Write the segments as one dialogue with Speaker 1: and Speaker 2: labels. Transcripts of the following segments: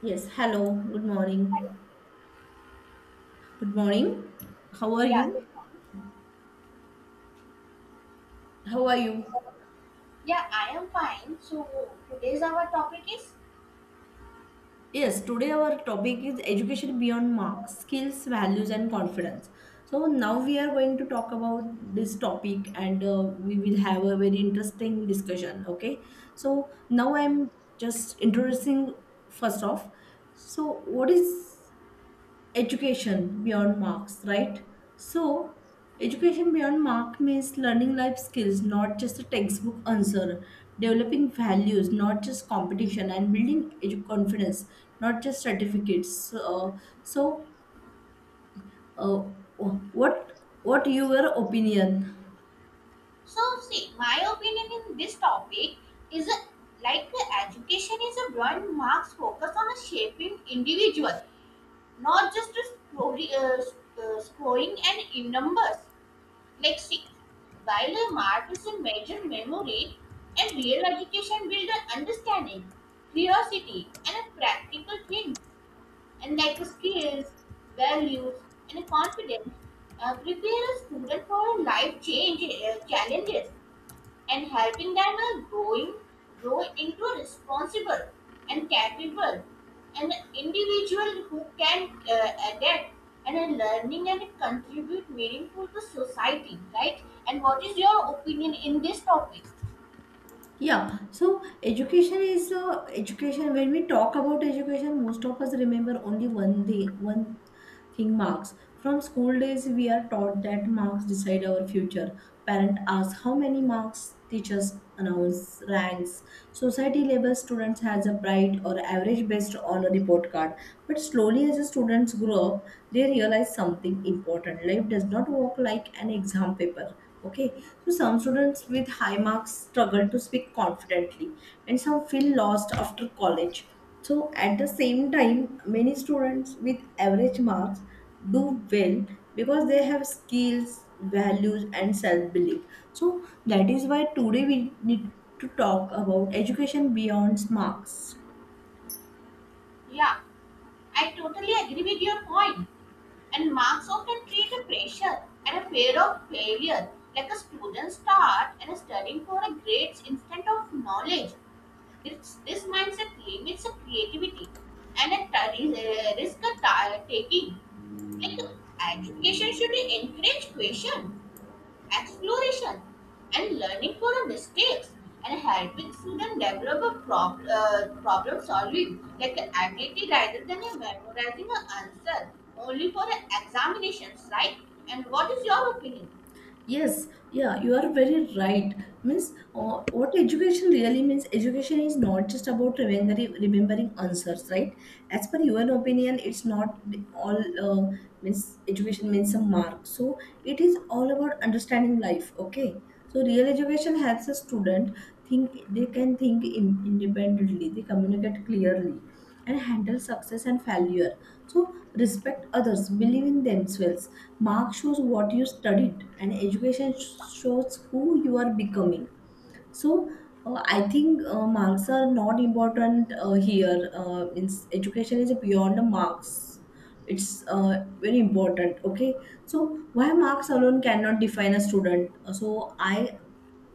Speaker 1: Yes, hello, good
Speaker 2: Hi.
Speaker 1: morning. Good morning. How are
Speaker 2: Yeah, good
Speaker 1: you? How are you?
Speaker 2: morning. Yeah, I am fine. So today's our topic is
Speaker 1: Yes, today our topic is education beyond marks, skills, values, and confidence. So now we are going to talk about this topic and we will have a very interesting discussion. Okay, so now I'm just introducing first off. So, what is education beyond marks, right? So, education beyond mark means learning life skills, not just a textbook answer, developing values, not just competition, and building confidence, not just certificates. So, uh, what your opinion?
Speaker 2: so see my opinion in this topic is education is a broad marks focus on a shaping individual, not just a story, scoring and in numbers. Like see, while a mark is a major memory, and real education builds an understanding, curiosity, and a practical things. And like the skills, values, and confidence prepare a student for life change challenges and helping them uh, grow into a responsible and capable and individual who can adapt and learning and contribute meaningful to society, right? And what is your opinion in this topic?
Speaker 1: Yeah, so education is education. When we talk about education, most of us remember only one thing, one think marks. From school days, we are taught that marks decide our future. Parent asks how many marks, teachers announce ranks. Society labels students as a bright or average based on a report card. But slowly, as the students grow up, they realize something important. Life does not work like an exam paper. Okay, so some students with high marks struggle to speak confidently, and some feel lost after college, so at the same time, many students with average marks do well because they have skills, values, and self belief. So that is why today we need to talk about education beyond marks.
Speaker 2: Yeah, I totally agree with your point. And marks often create a pressure and a fear of failure, like a student start and studying for a grades instead of knowledge. This mindset limits the creativity and a risk a taking. Like education should encourage question, exploration, and learning from mistakes, and helping students develop a problem solving like a ability rather than a memorizing an answer only for a examinations, right? And what is your opinion?
Speaker 1: Yes, yeah, you are very right. Means, what education really means, education is not just about remembering answers, right? As per your opinion, it's not all means education means some mark. So it is all about understanding life. Okay, so real education helps a student think. They can independently. They communicate clearly and handle success and failure. So respect others, believe in themselves. Mark shows what you studied, and education shows who you are becoming. So I think marks are not important here. Education is beyond the marks. It's very important. Okay, so why marks alone cannot define a student? So I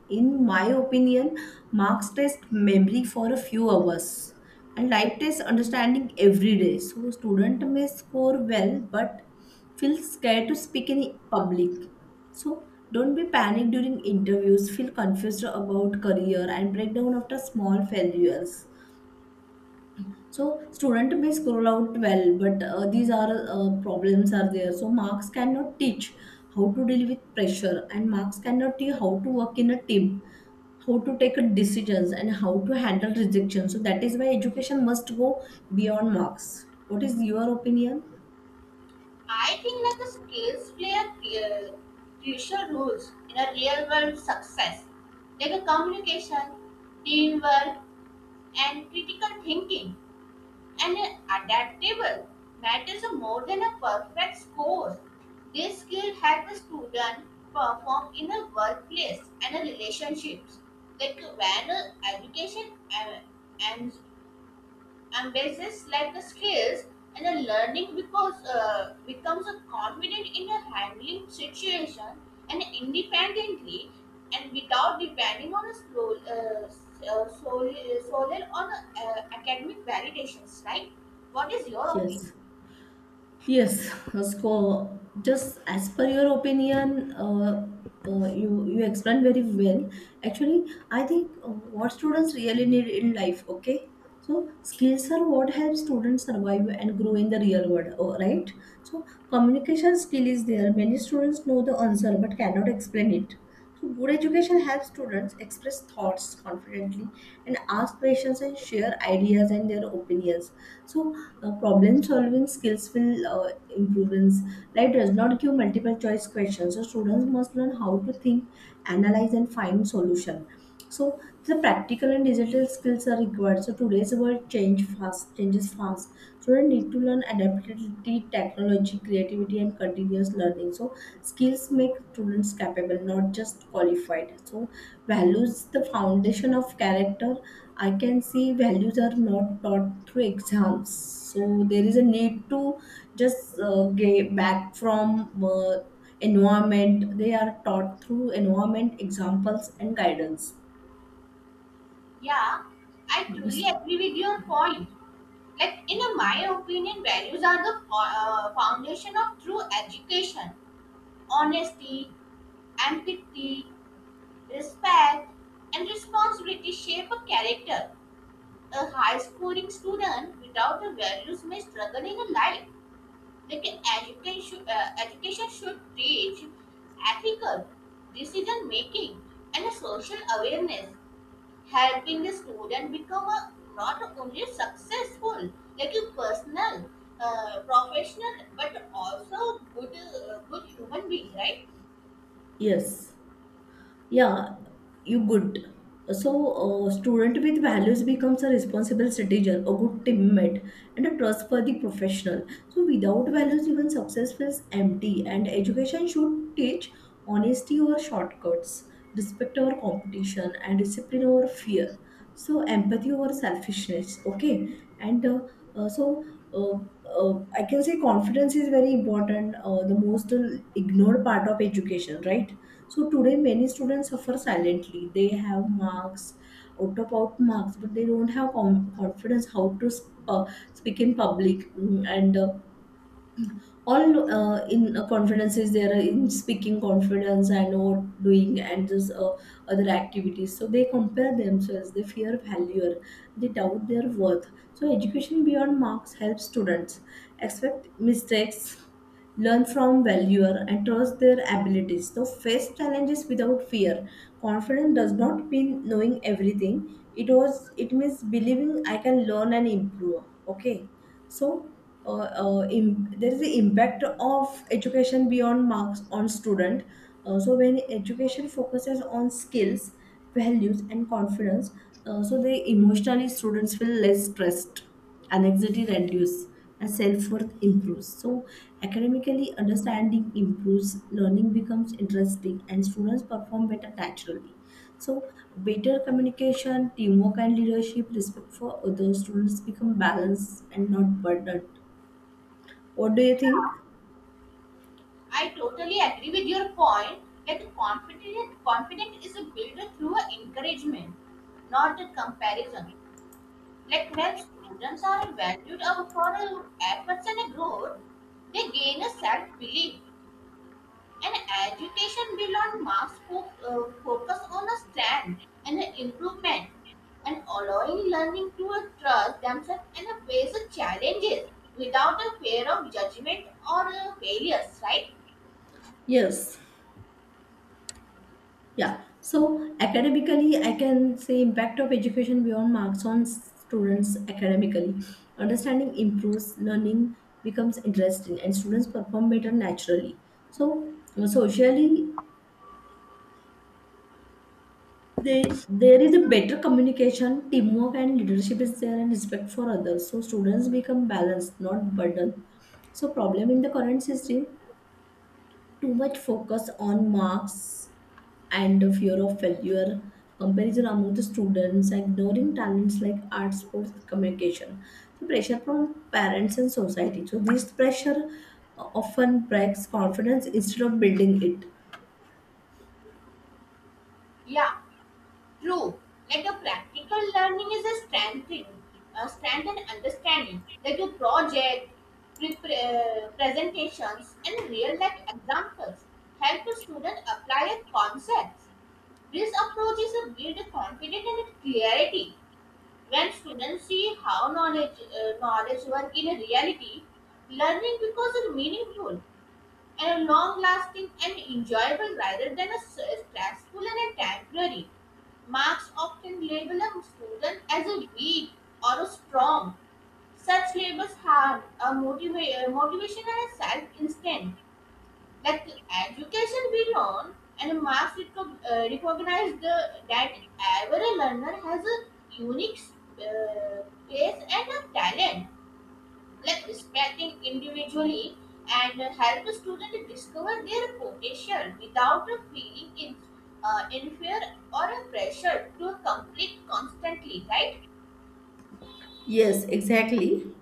Speaker 1: in my opinion, marks test memory for a few hours and life test understanding every day. So student may score well but feel scared to speak in public. So don't be panicked during interviews, feel confused about career and breakdown after small failures. So student may scroll out well, but these are problems are there. So marks cannot teach how to deal with pressure, and marks cannot teach how to work in a team, how to take decisions, and how to handle rejection. So that is why education must go beyond marks. What is your opinion?
Speaker 2: I think like the skills play a crucial roles in a real world success, like a communication, teamwork, and critical thinking and adaptable matters more than a perfect score. This skill helps a student perform in a workplace and a relationships. Like when a education en- and basis like the skills and the learning because becomes a confident in a handling situation and independently and without depending on a slow, solely, solely on academic validations, right? What is your opinion?
Speaker 1: Yes. Yes, so just as per your opinion, you explained very well. Actually, I think what students really need in life. Okay, so skills are what help students survive and grow in the real world. Oh, right. So communication skill is there. Many students know the answer but cannot explain it. So, good education helps students express thoughts confidently and ask questions and share ideas and their opinions. So, problem solving skills will improvements. Life does not give multiple choice questions, so students must learn how to think, analyze, and find solution. So the practical and digital skills are required. So today's world change fast, changes fast. Children need to learn adaptability, technology, creativity, and continuous learning. So skills make students capable, not just qualified. So values, the foundation of character. I can see values are not taught through exams. So there is a need to just get back from environment. They are taught through environment, examples, and guidance.
Speaker 2: Yeah, I truly
Speaker 1: Yes.
Speaker 2: agree with your point. Like in my opinion values are the foundation of true education: honesty, empathy, respect, and responsibility shape a character. A high scoring student without the values may struggle in a life. Like an education should teach ethical decision making and a social awareness, helping the student become a, not only successful, like a personal, professional, but also good human being, right?
Speaker 1: Yes. Yeah, you good. So, a student with values becomes a responsible citizen, a good teammate, and a trustworthy professional. So, without values, even success feels empty. And education should teach honesty over shortcuts, respect over competition, and discipline over fear. So, empathy over selfishness. Okay, and uh, so. Uh, I can say confidence is very important, the most ignored part of education, right? So today many students suffer silently. They have marks, out marks, but they don't have confidence how to speak in public. And all in confidence is there in speaking confidence and what doing and just other activities. So they compare themselves. They fear failure. They doubt their worth. So education beyond marks helps students. Expect mistakes, learn from failure, and trust their abilities. So face challenges without fear. Confidence does not mean knowing everything. It means believing I can learn and improve. Okay, so. Uh, there is the impact of education beyond marks on student, so when education focuses on skills, values and confidence, so the emotionally students feel less stressed, anxiety reduces, and self-worth improves. So academically understanding improves, learning becomes interesting, and students perform better naturally. So better communication, teamwork and leadership, respect for other students become balanced and not burdened. What do you think?
Speaker 2: Yeah. I totally agree with your point. Like confident is built through a encouragement, not a comparison. Like when students are valued for their efforts and growth, they gain a self-belief. And education beyond marks focus on a strength and a improvement, and allowing learning to trust themselves and face the challenges without a fear of judgment or failures. Right?
Speaker 1: Yes. Yeah. So academically, I can say impact of education beyond marks on students academically. Understanding improves, learning becomes interesting, and students perform better naturally. So socially, there is a better communication, teamwork, and leadership is there, and respect for others. So students become balanced, not burdened. So problem in the current system, too much focus on marks and the fear of failure, comparison among the students, ignoring talents like art, sports, communication. So pressure from parents and society. So this pressure often breaks confidence instead of building it.
Speaker 2: Yeah. True, let a practical learning is a strengthen understanding that your project, presentations, and real life examples help the student apply the concepts. This approach is a build a confidence and clarity. When students see how knowledge work in reality, learning becomes meaningful and long lasting and enjoyable rather than a stressful and a temporary. Marks often label a student as a weak or a strong. Such labels harm a motivation and a self instinct. Like education we learn, and Marx recognized the, that every learner has a unique uh, pace and a talent, like respecting individually and help students discover their potential without feeling inferior or pressure to complete constantly, right?
Speaker 1: Yes, exactly.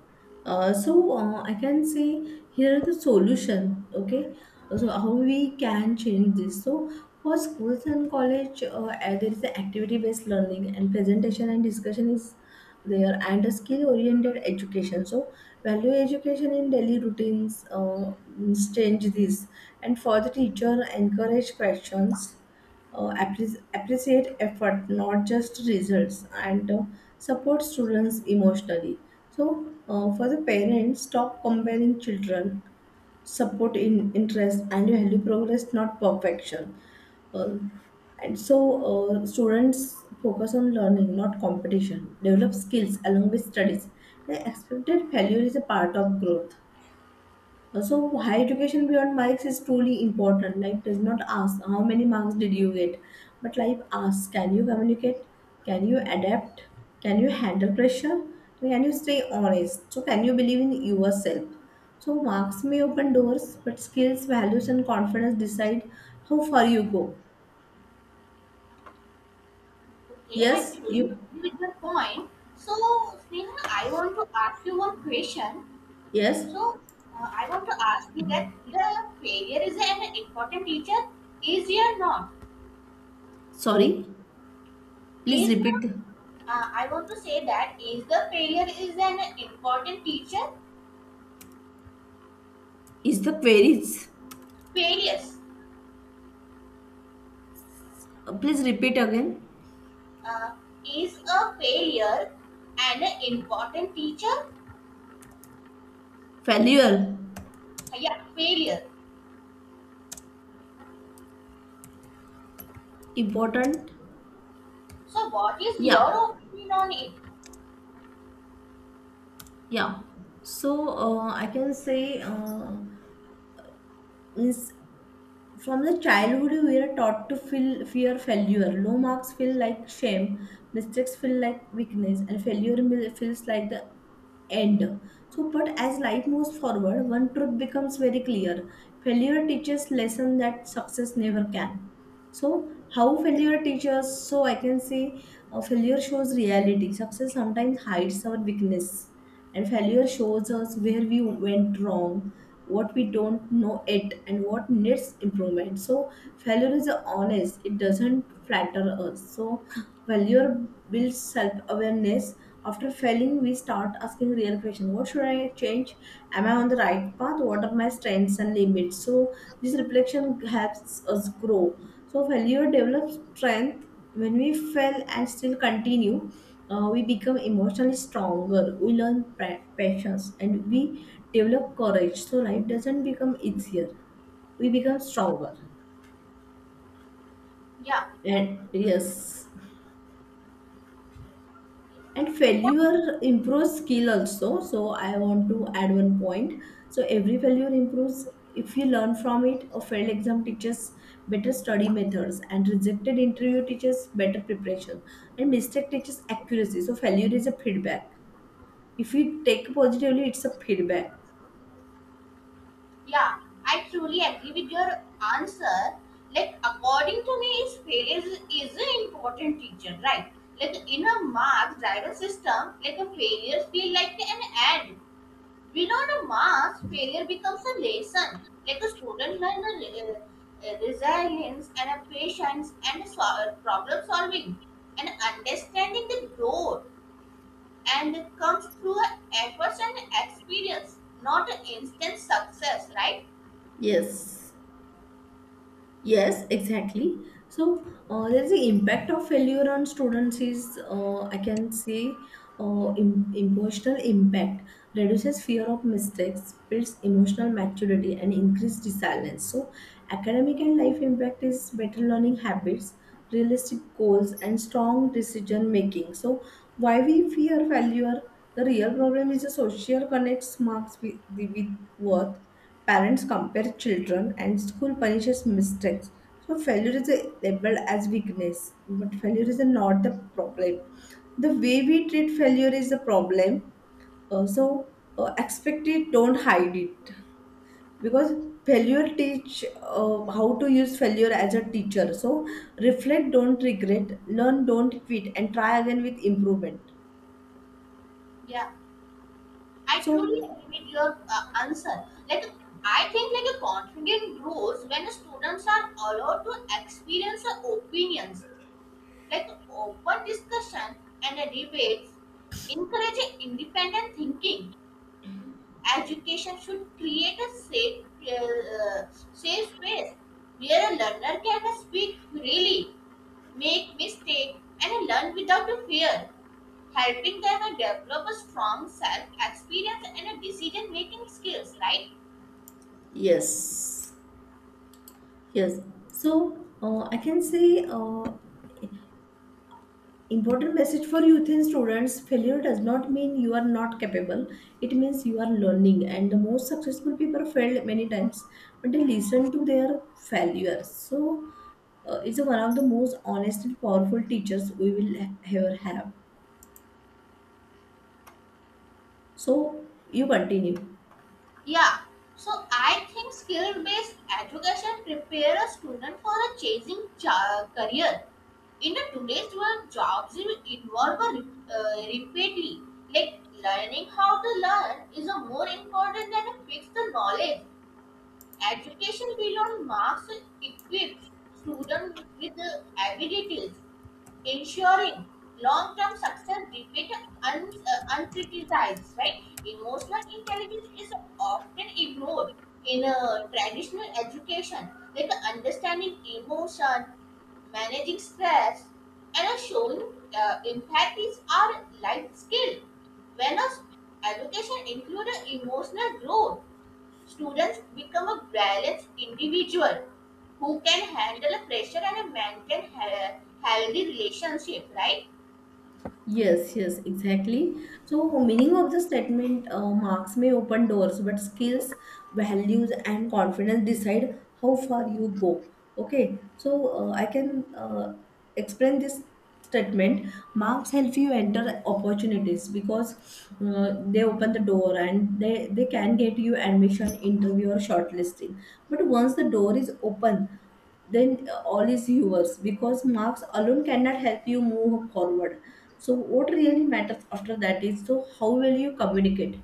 Speaker 1: I can say here are the solution. Okay, so how we can change this? So for schools and college, there is activity based learning and presentation and discussion is there and a skill oriented education. So value education in daily routines means change this. And for the teacher, encourage questions, appreciate effort, not just results, and support students emotionally. So, for the parents, stop comparing children, support in interest, and value progress, not perfection. Uh, and so, Students focus on learning, not competition. Develop skills along with studies. The expected failure is a part of growth. So higher education beyond marks is truly important. Like does not ask how many marks did you get, but like ask can you communicate, can you adapt, can you handle pressure, can you stay honest. So can you believe in yourself. So marks may open doors, but skills, values, and confidence decide how far you go.
Speaker 2: Okay, I
Speaker 1: Yes,
Speaker 2: truly
Speaker 1: you.
Speaker 2: agree with your point. So, Sneha, I want to ask you one question.
Speaker 1: Yes.
Speaker 2: So, I want to ask you that the failure is an important teacher, is or not?
Speaker 1: Sorry. Please
Speaker 2: Is the
Speaker 1: repeat.
Speaker 2: I want to say that is the failure is an important teacher.
Speaker 1: Is the queries?
Speaker 2: Failures.
Speaker 1: Please repeat again.
Speaker 2: Uh, is a failure an important teacher?
Speaker 1: Failure
Speaker 2: Yeah, failure.
Speaker 1: important.
Speaker 2: So, what is
Speaker 1: Yeah.
Speaker 2: your opinion on it?
Speaker 1: Yeah. So I can say means from the childhood we are taught to feel fear failure. Low marks feel like shame, mistakes feel like weakness, and feels like the end. So, but as life moves forward, one truth becomes very clear: failure teaches lesson that success never can. So, how failure teaches? So, I can say failure shows reality. Success sometimes hides our weakness, and failure shows us where we went wrong, what we don't know it, and what needs improvement. So, failure is honest, it doesn't flatter us. So, failure builds self awareness. After failing, we start asking real question: What should I change? Am I on the right path? What are my strengths and limits? So, this reflection helps us grow, so failure develops strength. When we fail and still continue, we become emotionally stronger. We learn patience and we develop courage. So life doesn't become easier. We become stronger.
Speaker 2: Yeah,
Speaker 1: And yes, and
Speaker 2: yeah,
Speaker 1: failure improves skill also, so I want to add one point. So every failure improves if you learn from it. A failed exam teaches better study methods, and rejected interview teaches better preparation, and mistake teaches accuracy. So failure is a feedback, if you take positively it's a feedback.
Speaker 2: yeah. I truly agree with your answer. Like, according to me, is an important teacher, right? Like, in a mark driven system, like a failure feel like an end. We Without a mass, failure becomes a lesson. Like a student learns a, resilience and a patience and a problem solving and understanding the growth and it comes through a efforts and experience, not an instant success, right?
Speaker 1: Yes. Yes, exactly. So there is the impact of failure on students is I can say em- emotional impact reduces fear of mistakes, builds emotional maturity, and increased resilience. So academic and life impact is better learning habits, realistic goals, and strong decision making. So why we fear failure? The real problem is the social connects marks with worth. Parents compare children and school punishes mistakes. So failure is a labeled as weakness, but failure is not the problem. The way we treat failure is the problem. Uh, so Expect it, don't hide it, because failure teach how to use failure as a teacher. So reflect, don't regret, learn, don't quit, and try again with improvement.
Speaker 2: Yeah, I
Speaker 1: So
Speaker 2: truly agree with your answer. Like I think like a confidence grows when students are allowed to experience their opinions, like open discussion and debates, encouraging independent thinking. Education should create a uh, safe space where a learner can speak freely, make mistakes, and learn without fear, helping them develop a strong self-experience and decision-making skills. Right?
Speaker 1: yes. Yes. So I can say important message for youth and students: failure does not mean you are not capable, it means you are learning. And the most successful people failed many times, but they listen to their failures. So, it's one of the most honest and powerful teachers we will ever have. So, you continue.
Speaker 2: Yeah, so I think skill based education prepare a student for a changing career. In a today's world, jobs will involve a repeatedly. Like learning how to learn is a more important than a fixed knowledge. Education beyond marks equips students with the abilities, ensuring long-term success debate uncriticized, right? Emotional intelligence is often ignored in a traditional education, like understanding emotion, managing stress, and a showing empathies are life skills. When a education includes emotional growth, students become a balanced individual who can handle a pressure and maintain healthy relationship, right?
Speaker 1: Yes, yes, exactly. So, meaning of the statement, marks may open doors, but skills, values, and confidence decide how far you go. Okay, so I can explain this statement. Marks help you enter opportunities because they open the door and they can get you admission, interview, or shortlisting. But once the door is open then all is yours because marks alone cannot help you move forward. So what really matters after that is so how well you communicate,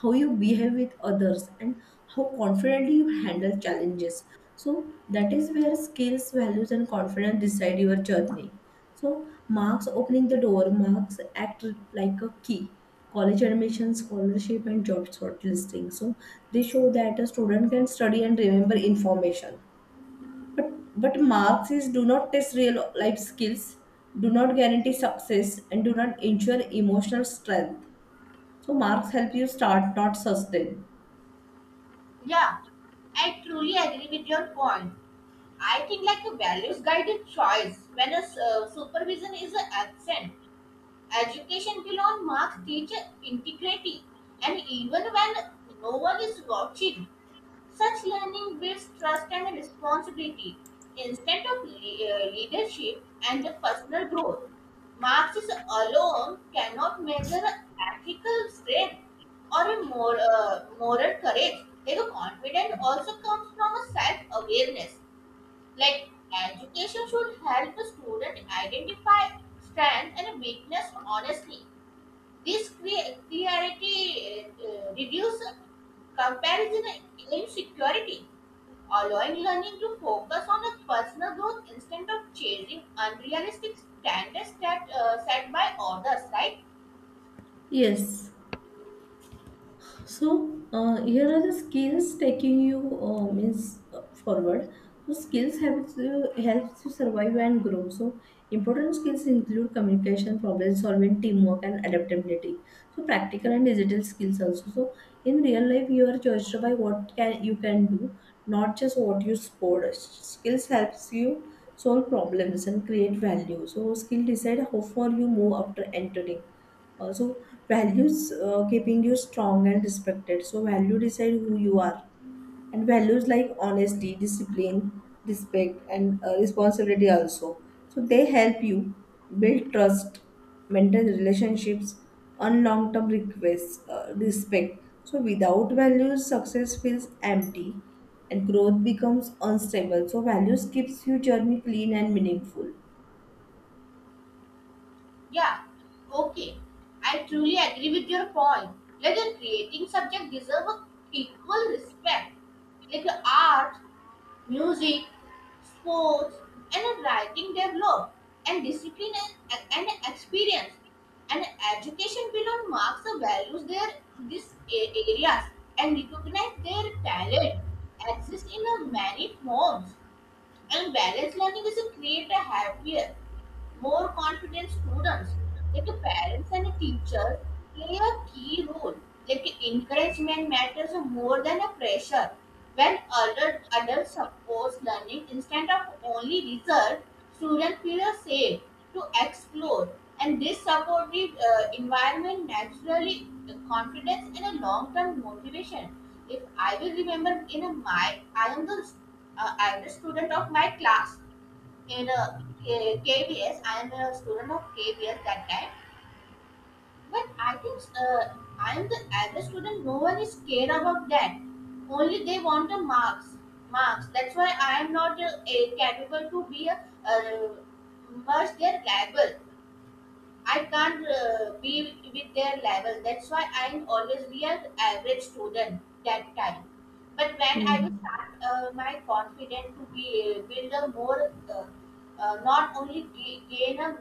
Speaker 1: how you behave with others, and how confidently you handle challenges. So that is where skills, values, and confidence decide your journey. So marks opening the door, marks act like a key, college admission, scholarship, and job shortlisting. So they show that a student can study and remember information, but but marks is do not test real life skills, do not guarantee success, and do not ensure emotional strength. So marks help you start, not sustain.
Speaker 2: Yeah, I truly agree with your point. I think like a values guided choice when a supervision is absent. Education beyond marks teaches integrity, and even when no one is watching, such learning builds trust and responsibility instead of leadership and personal growth. Marks alone cannot measure ethical strength or a moral courage. Their confidence also comes from a self awareness, like education should help a student identify strength and weakness honestly. This clarity reduce comparison and insecurity, allowing learning to focus on a personal growth instead of chasing unrealistic standards that set by others, right?
Speaker 1: Yes. So here are the skills taking you means forward. So skills helps you survive and grow. So important skills include communication, problem solving, teamwork, and adaptability. So practical and digital skills also. So in real life, you are judged by what can you can do, not just what you scored. Skills helps you solve problems and create value. So skill decide how far you move after entering also, values keeping you strong and respected. So, value decide who you are, and values like honesty, discipline, respect, and responsibility also. So, they help you build trust, maintain relationships, earn long term requests, respect. So, without values, success feels empty, and growth becomes unstable. So, values keeps your journey clean and meaningful.
Speaker 2: Yeah, okay, I truly agree with your point. Like a creating subject deserve a equal respect, like the art, music, sports, and writing develop, and discipline and, and experience and education below marks the values their these areas and recognize their talent exist in a many forms, and balanced learning is a create a happier, more confident students. Like the parents and the teachers play a key role. Like the encouragement matters more than a pressure. When adults support learning instead of only result, students feel safe to explore. And this supportive environment naturally confidence and a long-term motivation. If I will remember in a my, I am the I'm the student of my class in a, KBS. I am a student of KBS that time, but I think I am the average student. No one is scared about that. Only they want the marks. Marks. That's why I am not a capable to be a, uh, merge their label. I can't be with their level. That's why I always be an average student that time. But when I will
Speaker 1: Hmm.
Speaker 2: start my confidence to be build a not only gain a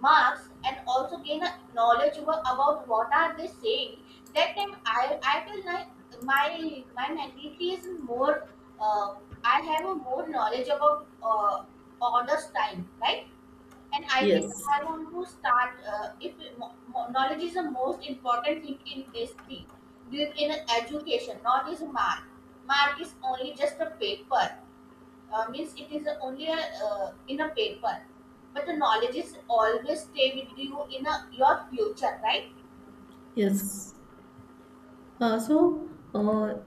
Speaker 2: marks and also gain a knowledge about what are they saying. That time I feel like my mentality is more. Uh, I have a more knowledge about others time, right? And I think
Speaker 1: Yes.
Speaker 2: I want to start. If knowledge is the most important thing in this thing, this in education, not is mark. Mark is only just a paper. Means it is only a, in a paper, but the knowledge is always stay with you in a, your future, right?
Speaker 1: Yes. Uh, so, uh,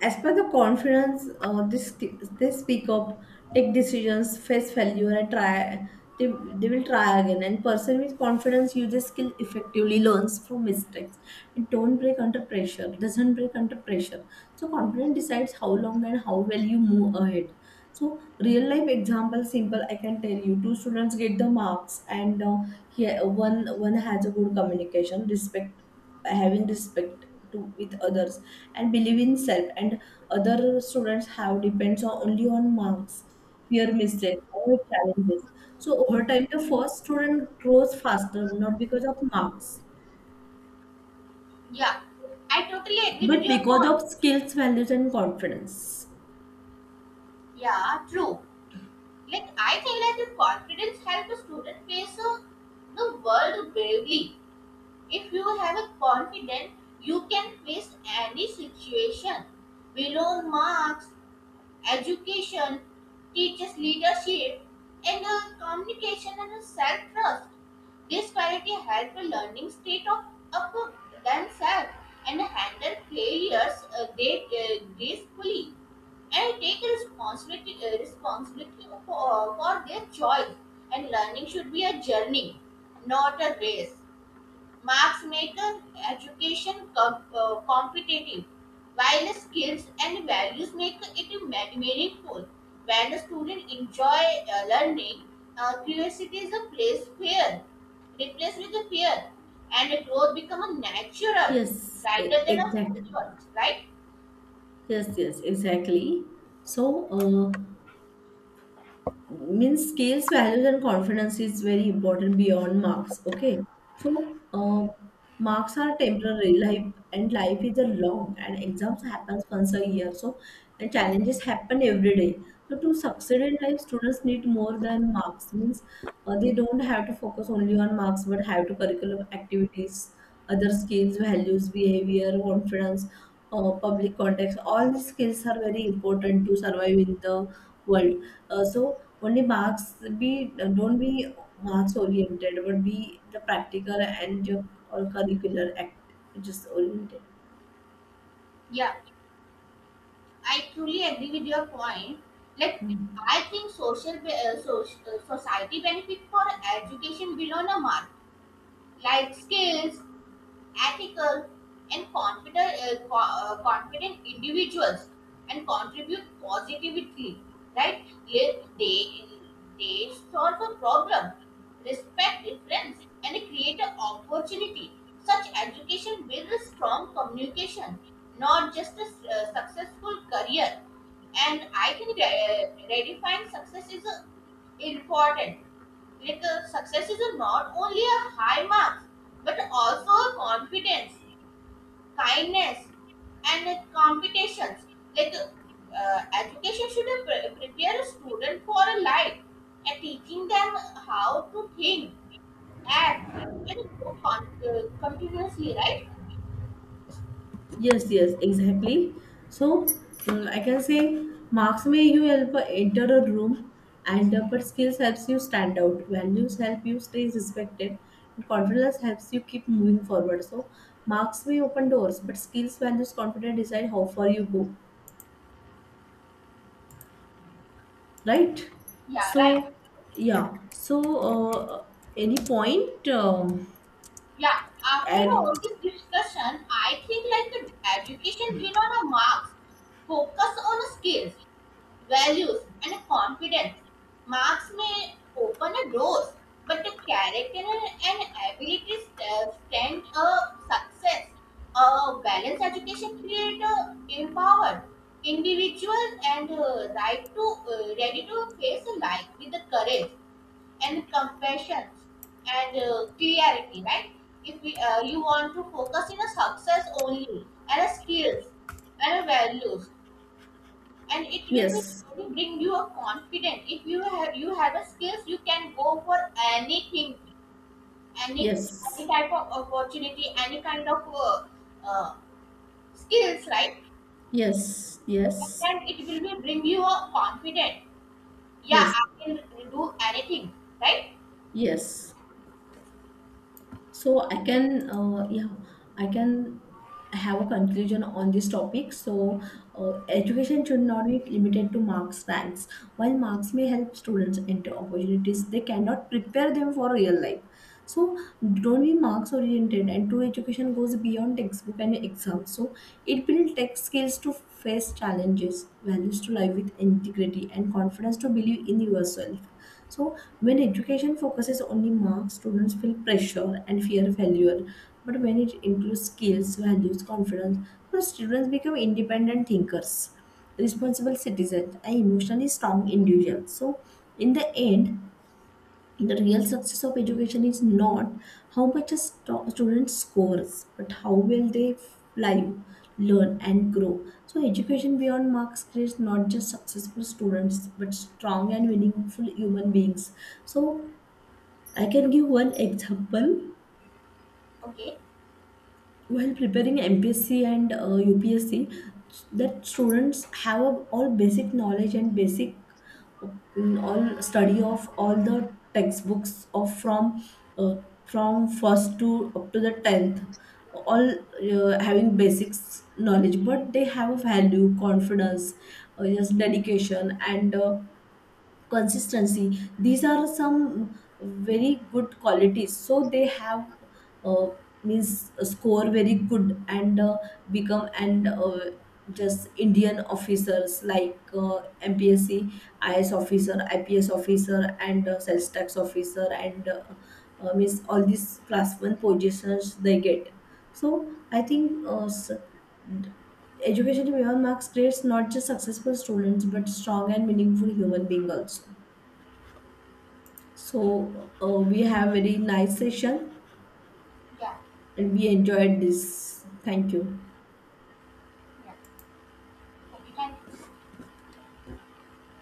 Speaker 1: As per the confidence, this they speak up, take decisions, face failure, and try. They will try again, and person with confidence uses skill effectively, learns from mistakes, and don't break under pressure doesn't break under pressure. So confidence decides how long and how well you move ahead. So real life example simple, I can tell you two students get the marks, and here one has a good communication, respect, having respect to with others, and believe in self, and other students have depends on only on marks, fear mistakes or challenges. So over time the first student grows faster, not because of marks,
Speaker 2: Yeah, I totally agree with
Speaker 1: but
Speaker 2: your
Speaker 1: because
Speaker 2: point.
Speaker 1: of skills, values, and confidence.
Speaker 2: Yeah, true. Like I think that the confidence helps a student face the world bravely. If you have a confidence, you can face any situation. Below marks, education, teaches leadership, and communication and self trust. This quality help a learning state of up themselves and handle failures they gracefully and take responsibility for their choice. And learning should be a journey, not a race. Marks make an education competitive, while skills and values make it meaningful. When the student enjoy learning, curiosity is a place fear, replaced with a fear, and the growth become a natural
Speaker 1: yes e-
Speaker 2: rather than a
Speaker 1: exactly
Speaker 2: forced. Right?
Speaker 1: yes, yes, exactly. So means skills, values, and confidence is very important beyond marks. Okay, so marks are temporary life, and life is a long and exams happens once a year. So and challenges happen every day. So to succeed in life students need more than marks, means they don't have to focus only on marks but have to curriculum activities, other skills, values, behavior, confidence, public context, all these skills are very important to survive in the world. So only marks, be don't be marks oriented, but be the practical and your or curricular act just oriented.
Speaker 2: Yeah, I truly agree with your point. Like I think social society benefit for education beyond a mark, like skills ethical, and confident individuals and contribute positively. Right? They solve a problem, respect difference, and create an opportunity. Such education builds a strong communication, not just a successful career. And I think redefining success is important, like success is not only a high marks but also a confidence, kindness, and competitions, like uh, education should prepare a student for a life and teaching them how to think, act, and grow continuously, right?
Speaker 1: Yes, yes, exactly. So I can say marks may you help enter a room, and but skills helps you stand out. Values help you stay respected, and confidence helps you keep moving forward. So marks may open doors, but skills, values, confidence decide how far you go. Right.
Speaker 2: Yeah, right.
Speaker 1: So yeah, so any point,
Speaker 2: Yeah, after
Speaker 1: and
Speaker 2: all this discussion I think like the education beyond a marks focus on skills, values, and confidence. Marks may open a doors, but the character and abilities stand a success. A balanced education creates a empowered individual and right to ready to face life with the courage and compassion and clarity. Right? If you want to focus in a success only and a skills and a values and it will be
Speaker 1: yes,
Speaker 2: really bring you a confidence. If you have you have a skills you can go for anything, any any
Speaker 1: yes,
Speaker 2: type of opportunity, any kind of uh, skills, right?
Speaker 1: yes,
Speaker 2: And
Speaker 1: yes,
Speaker 2: then it will be bring you a confidence. Yeah,
Speaker 1: yes,
Speaker 2: I can do anything, right?
Speaker 1: yes. So I can yeah, I can have a conclusion on this topic. So education should not be limited to marks, ranks. While marks may help students enter opportunities, they cannot prepare them for real life. So don't be marks oriented, and true education goes beyond textbook and exams. So it builds tech skills to face challenges, values to live with integrity, and confidence to believe in yourself. So when education focuses only marks, students feel pressure and fear failure. But when it includes skills, values, confidence, so students become independent thinkers, responsible citizens, and emotionally strong individuals. So in the end, the real success of education is not how much student scores, but how well they live, learn, and grow. So education beyond marks creates not just successful students, but strong and meaningful human beings. So I can give one example.
Speaker 2: Okay.
Speaker 1: While preparing MPSC and UPSC, that students have a, all basic knowledge and basic all study of all the textbooks of uh, from first to up to the tenth, all having basics knowledge, but they have a value, confidence, just dedication and. Consistency, these are some very good qualities, so they have uh, means score very good, and become and just indian officers like mpsc is officer, ips officer, and sales tax officer, and means all these class 1 positions they get. So I think education beyond marks creates not just successful students, but strong and meaningful human being also. So we have very nice session
Speaker 2: Yeah.
Speaker 1: and we enjoyed this. Thank you.
Speaker 2: Yeah, okay, thank you.